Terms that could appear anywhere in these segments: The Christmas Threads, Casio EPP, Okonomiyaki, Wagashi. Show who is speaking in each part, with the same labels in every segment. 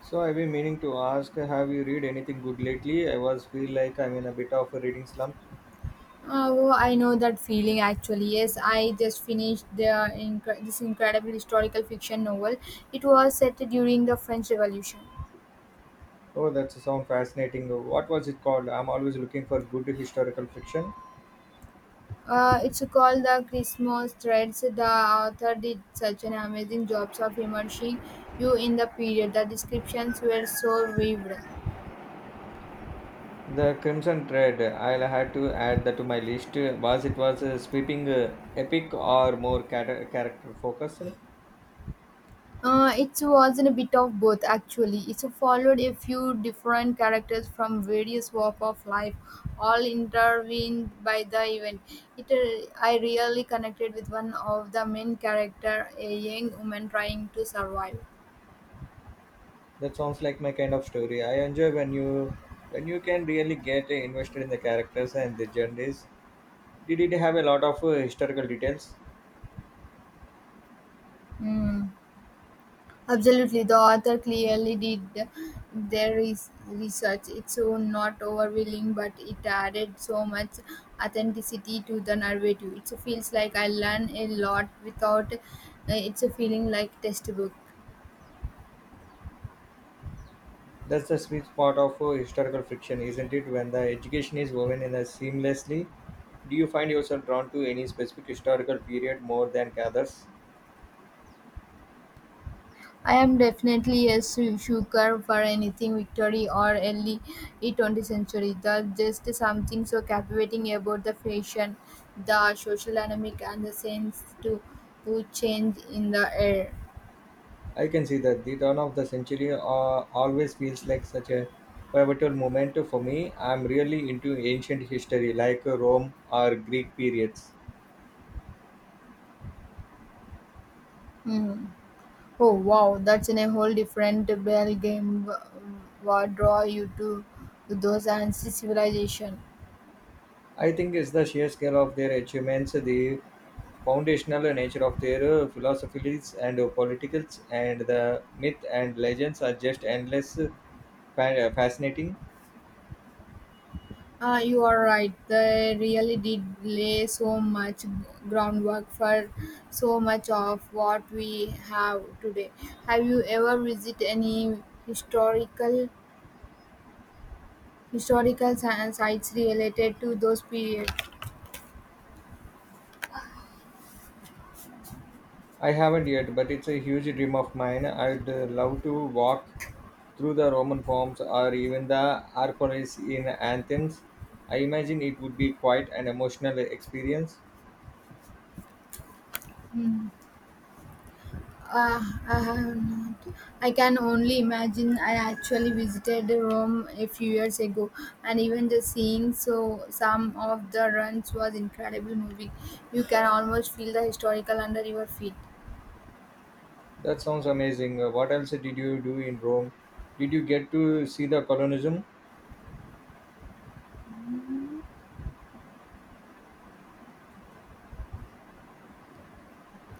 Speaker 1: So I've been meaning to ask, have you read anything good lately? I was feel like I'm in a bit of a reading slump.
Speaker 2: Oh, I know that feeling actually. Yes, I just finished the this incredible historical fiction novel. It was set during the French Revolution.
Speaker 1: Oh, that's sound fascinating. What was it called? I'm always looking for good historical fiction.
Speaker 2: It's called The Christmas Threads. The author did such an amazing job of immersing you in the period. The descriptions were so vivid.
Speaker 1: The Crimson Thread. I'll have to add that to my list. Was it was a sweeping, epic, or more character focused?
Speaker 2: It was in a bit of both actually. It followed a few different characters from various walks of life, all intervened by the event. I really connected with one of the main character, a young woman trying to survive.
Speaker 1: That sounds like my kind of story. I enjoy when you can really get invested in the characters and the journeys. Did it have a lot of historical details?
Speaker 2: Mm. Absolutely, the author clearly did their research. It's so not overwhelming, but it added so much authenticity to the narrative. It feels like I learn a lot without it's a feeling like textbook.
Speaker 1: That's the sweet spot of historical fiction, isn't it? When the education is woven in a seamlessly, do you find yourself drawn to any specific historical period more than others?
Speaker 2: I am definitely a sucker for anything Victory or early 20th century. There's just something so captivating about the fashion, the social dynamic, and the to change in the air.
Speaker 1: I can see that the turn of the century always feels like such a pivotal moment for me. I'm really into ancient history, like Rome or Greek periods.
Speaker 2: Mhm. Oh wow, that's in a whole different ballgame. What draw you to those ancient civilization?
Speaker 1: I think it's the sheer scale of their achievements, the foundational nature of their philosophies and politicals, and the myth and legends are just endless fascinating.
Speaker 2: Ah, you are right. They really did lay so much groundwork for so much of what we have today. Have you ever visited any historical historical sites related to those periods?
Speaker 1: I haven't yet, but it's a huge dream of mine. I'd love to walk through the Roman forms or even the Acropolis in Athens. I imagine it would be quite an emotional experience.
Speaker 2: Hmm. Uh, I have not. I can only imagine. I actually visited Rome a few years ago, and even just seeing some of the runs was incredible movie. You can almost feel the historical under your feet.
Speaker 1: That sounds amazing. What else did you do in Rome? Did you get to see the colonism?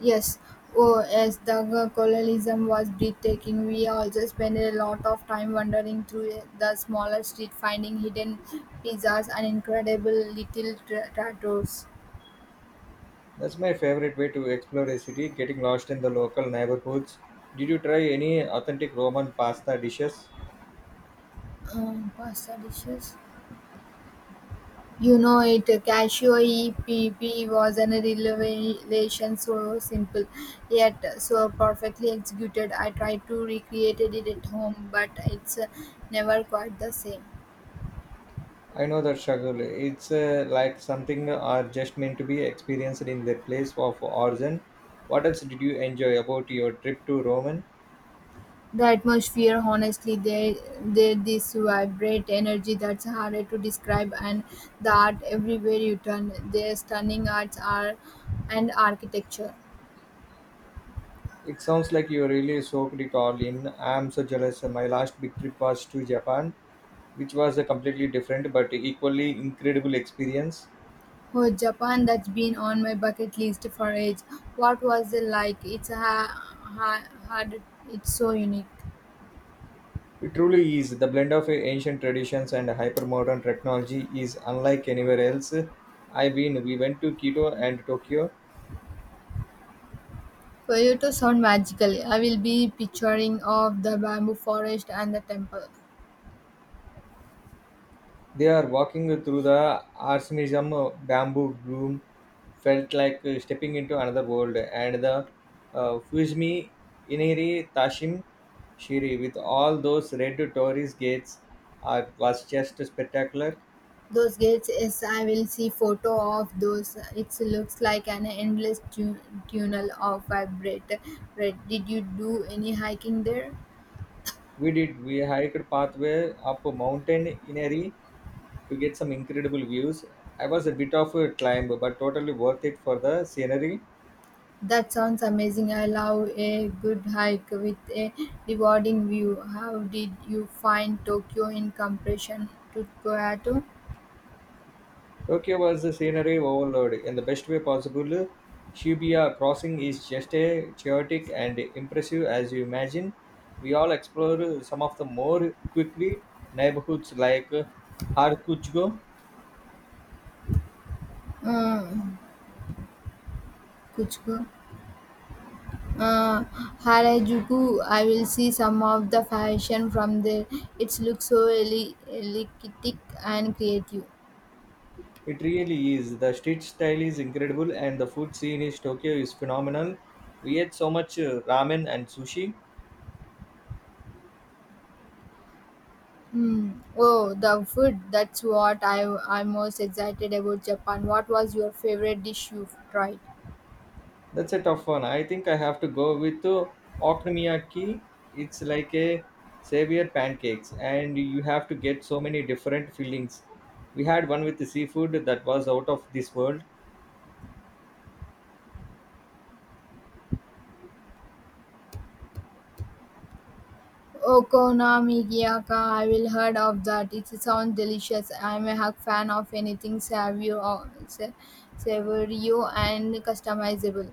Speaker 2: Yes, oh yes, the colonialism was breathtaking. We also spent a lot of time wandering through the smaller street, finding hidden pizzas and incredible little tattoos.
Speaker 1: That's my favorite way to explore a city, getting lost in the local neighborhoods. Did you try any authentic Roman pasta dishes?
Speaker 2: Pasta dishes. You know it, Casio EPP was an relation so simple, yet so perfectly executed. I tried to recreate it at home, but it's never quite the same.
Speaker 1: I know that struggle. It's like something are just meant to be experienced in their place of origin. What else did you enjoy about your trip to Roman?
Speaker 2: The atmosphere, honestly, they this vibrant energy that's harder to describe, and the art everywhere you turn, their stunning arts are and architecture.
Speaker 1: It sounds like you really soaked it all in. I'm so jealous. My last big trip was to Japan, which was a completely different but equally incredible experience.
Speaker 2: Oh, Japan, that's been on my bucket list for ages. What was it like? It's hard, it's so unique.
Speaker 1: It truly is. The blend of ancient traditions and hypermodern technology is unlike anywhere else. I've been. We went to Kyoto and Tokyo.
Speaker 2: For you to sound magical, I will be picturing of the bamboo forest and the temple.
Speaker 1: They are walking through the Arsenism bamboo gloom felt like stepping into another world, and the Fuzmi Iniri Tashim Shiri with all those red tourist gates are, was just spectacular.
Speaker 2: Those gates, yes, I will see photo of those. It looks like an endless tunnel of vibrate. Red. Did you do any hiking there?
Speaker 1: We did, we hiked pathway up a mountain Inari to get some incredible views. I was a bit of a climb, but totally worth it for the scenery.
Speaker 2: That sounds amazing. I love a good hike with a rewarding view. How did you find Tokyo in comparison to Kyoto?
Speaker 1: Tokyo was a scenery overload in the best way possible. Shibuya crossing is just as chaotic and impressive as you imagine. We all explore some of the more quickly neighborhoods like Harajuku.
Speaker 2: Uh, Kuchiko. Uh, Harajuku, I will see some of the fashion from there. It looks so electric and creative.
Speaker 1: It really is. The street style is incredible and the food scene in Tokyo is phenomenal. We ate so much ramen and sushi.
Speaker 2: Hmm. Oh, the food. That's what I'm most excited about Japan. What was your favorite dish you tried?
Speaker 1: That's a tough one. I think I have to go with okonomiyaki. It's like a savior pancakes, and you have to get so many different fillings. We had one with the seafood that was out of this world.
Speaker 2: Okonomiyaki, I will heard of that. It sounds delicious. I'm a hug fan of anything savory and customizable.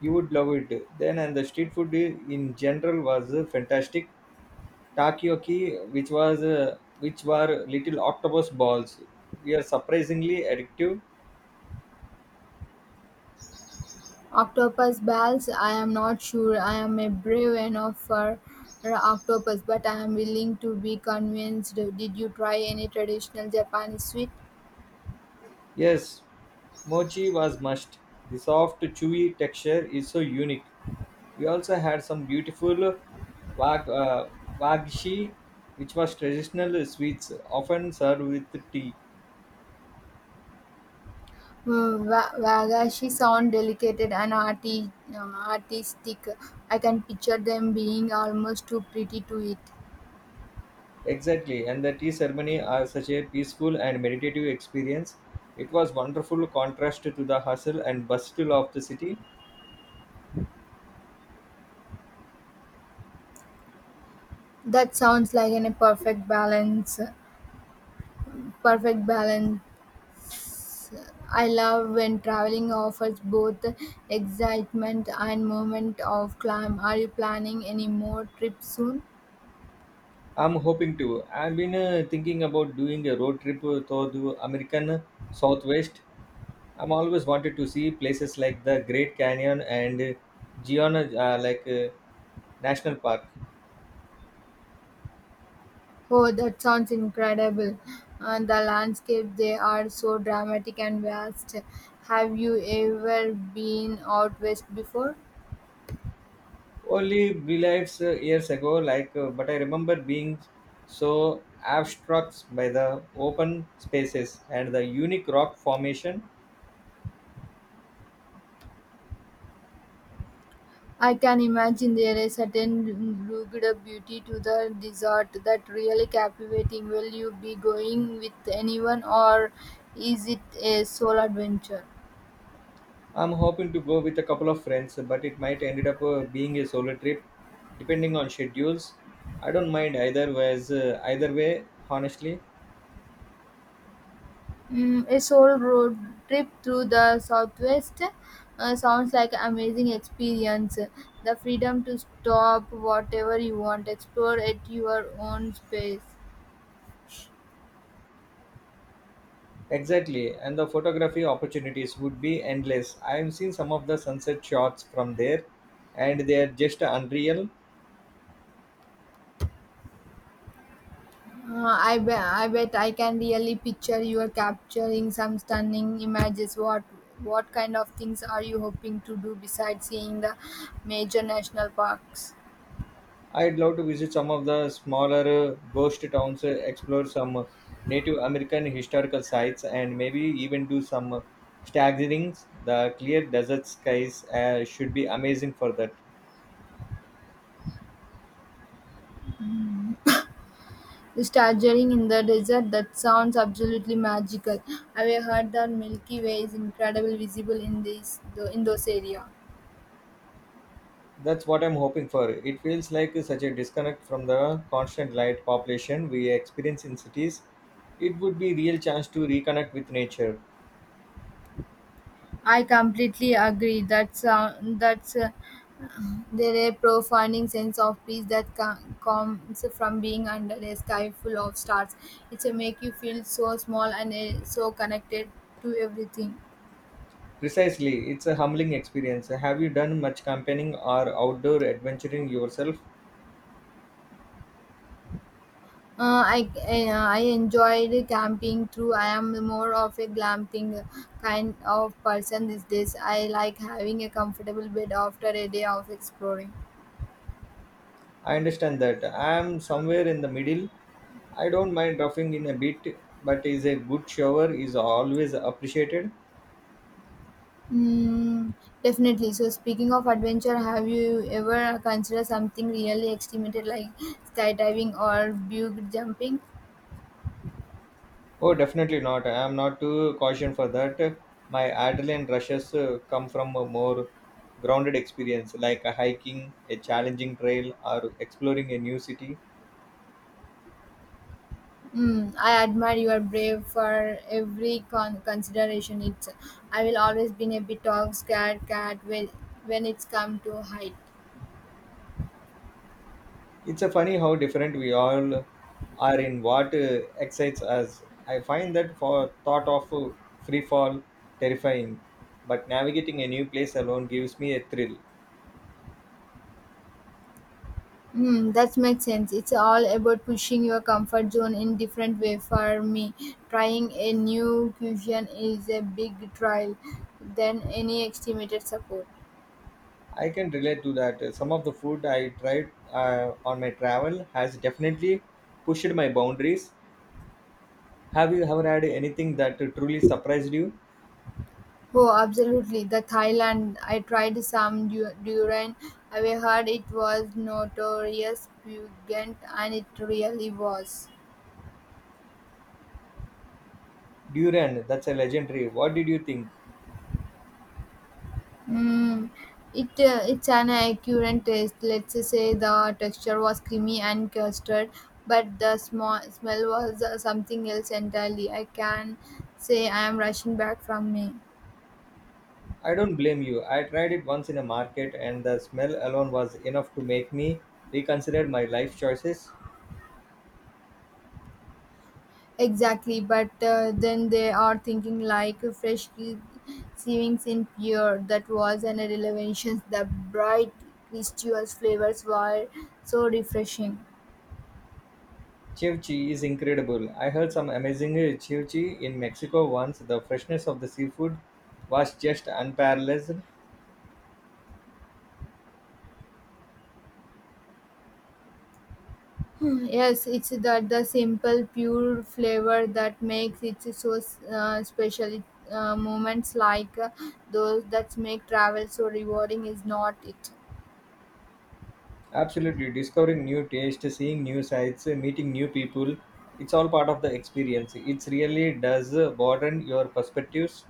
Speaker 1: You would love it. Then, and the street food in general was fantastic. Takoyaki, which was which were little octopus balls, we are surprisingly addictive.
Speaker 2: Octopus balls, I am not sure. I am a brave enough for octopus, but I am willing to be convinced. Did you try any traditional Japanese sweet?
Speaker 1: Yes, mochi was must. The soft, chewy texture is so unique. We also had some beautiful wag, uh, wagshi, which was traditional sweets, often served with tea.
Speaker 2: Mm, Wagashi sound delicate and artistic. I can picture them being almost too pretty to eat.
Speaker 1: Exactly, and the tea ceremony are such a peaceful and meditative experience. It was wonderful contrast to the hustle and bustle of the city.
Speaker 2: That sounds like a perfect balance. Perfect balance. I love when traveling offers both excitement and moment of climb. Are you planning any more trips soon?
Speaker 1: I'm hoping to. I've been thinking about doing a road trip through the American Southwest. I'm always wanted to see places like the Great Canyon and Gion, like National Park.
Speaker 2: Oh, that sounds incredible. And the landscape they are so dramatic and vast. Have you ever been out west before?
Speaker 1: Only beliefs years ago like but I remember being so abstract by the open spaces and the unique rock formation.
Speaker 2: I can imagine there is a certain rugged beauty to the desert that really captivating. Will you be going with anyone or is it a solo adventure?
Speaker 1: I'm hoping to go with a couple of friends, but it might ended up being a solo trip depending on schedules. I don't mind either way honestly.
Speaker 2: Mm, a solo road trip through the southwest sounds like an amazing experience. The freedom to stop whatever you want, explore at your own pace.
Speaker 1: Exactly, and the photography opportunities would be endless. I've seen some of the sunset shots from there, and they are just unreal.
Speaker 2: I bet I can really picture you are capturing some stunning images. What kind of things are you hoping to do besides seeing the major national parks?
Speaker 1: I'd love to visit some of the smaller ghost towns, explore some Native American historical sites, and maybe even do some staggerings. The clear desert skies should be amazing for that.
Speaker 2: Staggering in the desert, that sounds absolutely magical. I've heard that Milky Way is incredibly visible in this in those area.
Speaker 1: That's what I'm hoping for. It feels like such a disconnect from the constant light population we experience in cities. It would be real chance to reconnect with nature.
Speaker 2: I completely agree. That sound that's There a profounding sense of peace that comes from being under a sky full of stars. It's a make you feel so small and so connected to everything.
Speaker 1: Precisely, it's a humbling experience. Have you done much camping or outdoor adventuring yourself?
Speaker 2: I enjoyed camping too. I am more of a glamping kind of person these days. I like having a comfortable bed after a day of exploring.
Speaker 1: I understand that. I am somewhere in the middle. I don't mind roughing in a bit, but is a good shower is always appreciated.
Speaker 2: Mm, definitely. So, speaking of adventure, have you ever considered something really extreme like skydiving or bug jumping?
Speaker 1: Oh, definitely not. I am not too caution for that. My adrenaline rushes come from a more grounded experience, like a hiking, a challenging trail, or exploring a new city.
Speaker 2: Mm, I admire your brave for every consideration. It's I will always be a bit of scared cat when it's come to height.
Speaker 1: It's a funny how different we all are in what excites us. I find that for thought of free fall terrifying, but navigating a new place alone gives me a thrill.
Speaker 2: Mm, that makes sense. It's all about pushing your comfort zone in different way. For me, trying a new cuisine is a big trial than any estimated support.
Speaker 1: I can relate to that. Some of the food I tried on my travel has definitely pushed my boundaries. Have you ever had anything that truly surprised you?
Speaker 2: Oh, absolutely. The Thailand. I tried some durian. I heard it was notorious pungent, and it really was.
Speaker 1: Duran, that's a legendary. What did you think?
Speaker 2: Mm. It it's an accurate taste. Let's say the texture was creamy and custard, but the smell was something else entirely. I can say I am rushing back from me.
Speaker 1: I don't blame you. I tried it once in a market, and the smell alone was enough to make me reconsider my life choices.
Speaker 2: Exactly, but then they are thinking like fresh shavings in pure that was an elevation. The bright, crystalline flavors were so refreshing.
Speaker 1: Chivchi is incredible. I heard some amazing chivchi in Mexico once. The freshness of the seafood was just unparalleled.
Speaker 2: Hmm, yes, it's that the simple, pure flavor that makes it so special. Moments like those that make travel so rewarding is not it.
Speaker 1: Absolutely, discovering new taste, seeing new sights, meeting new people, it's all part of the experience. It really does broaden your perspectives.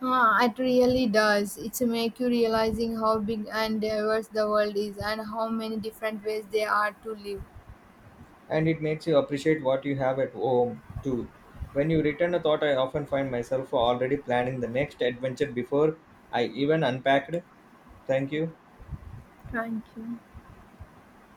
Speaker 2: Ah, it really does. It's make you realizing how big and diverse the world is and how many different ways there are to live.
Speaker 1: And it makes you appreciate what you have at home too. When you return a thought, I often find myself already planning the next adventure before I even unpacked. Thank you.
Speaker 2: Thank you.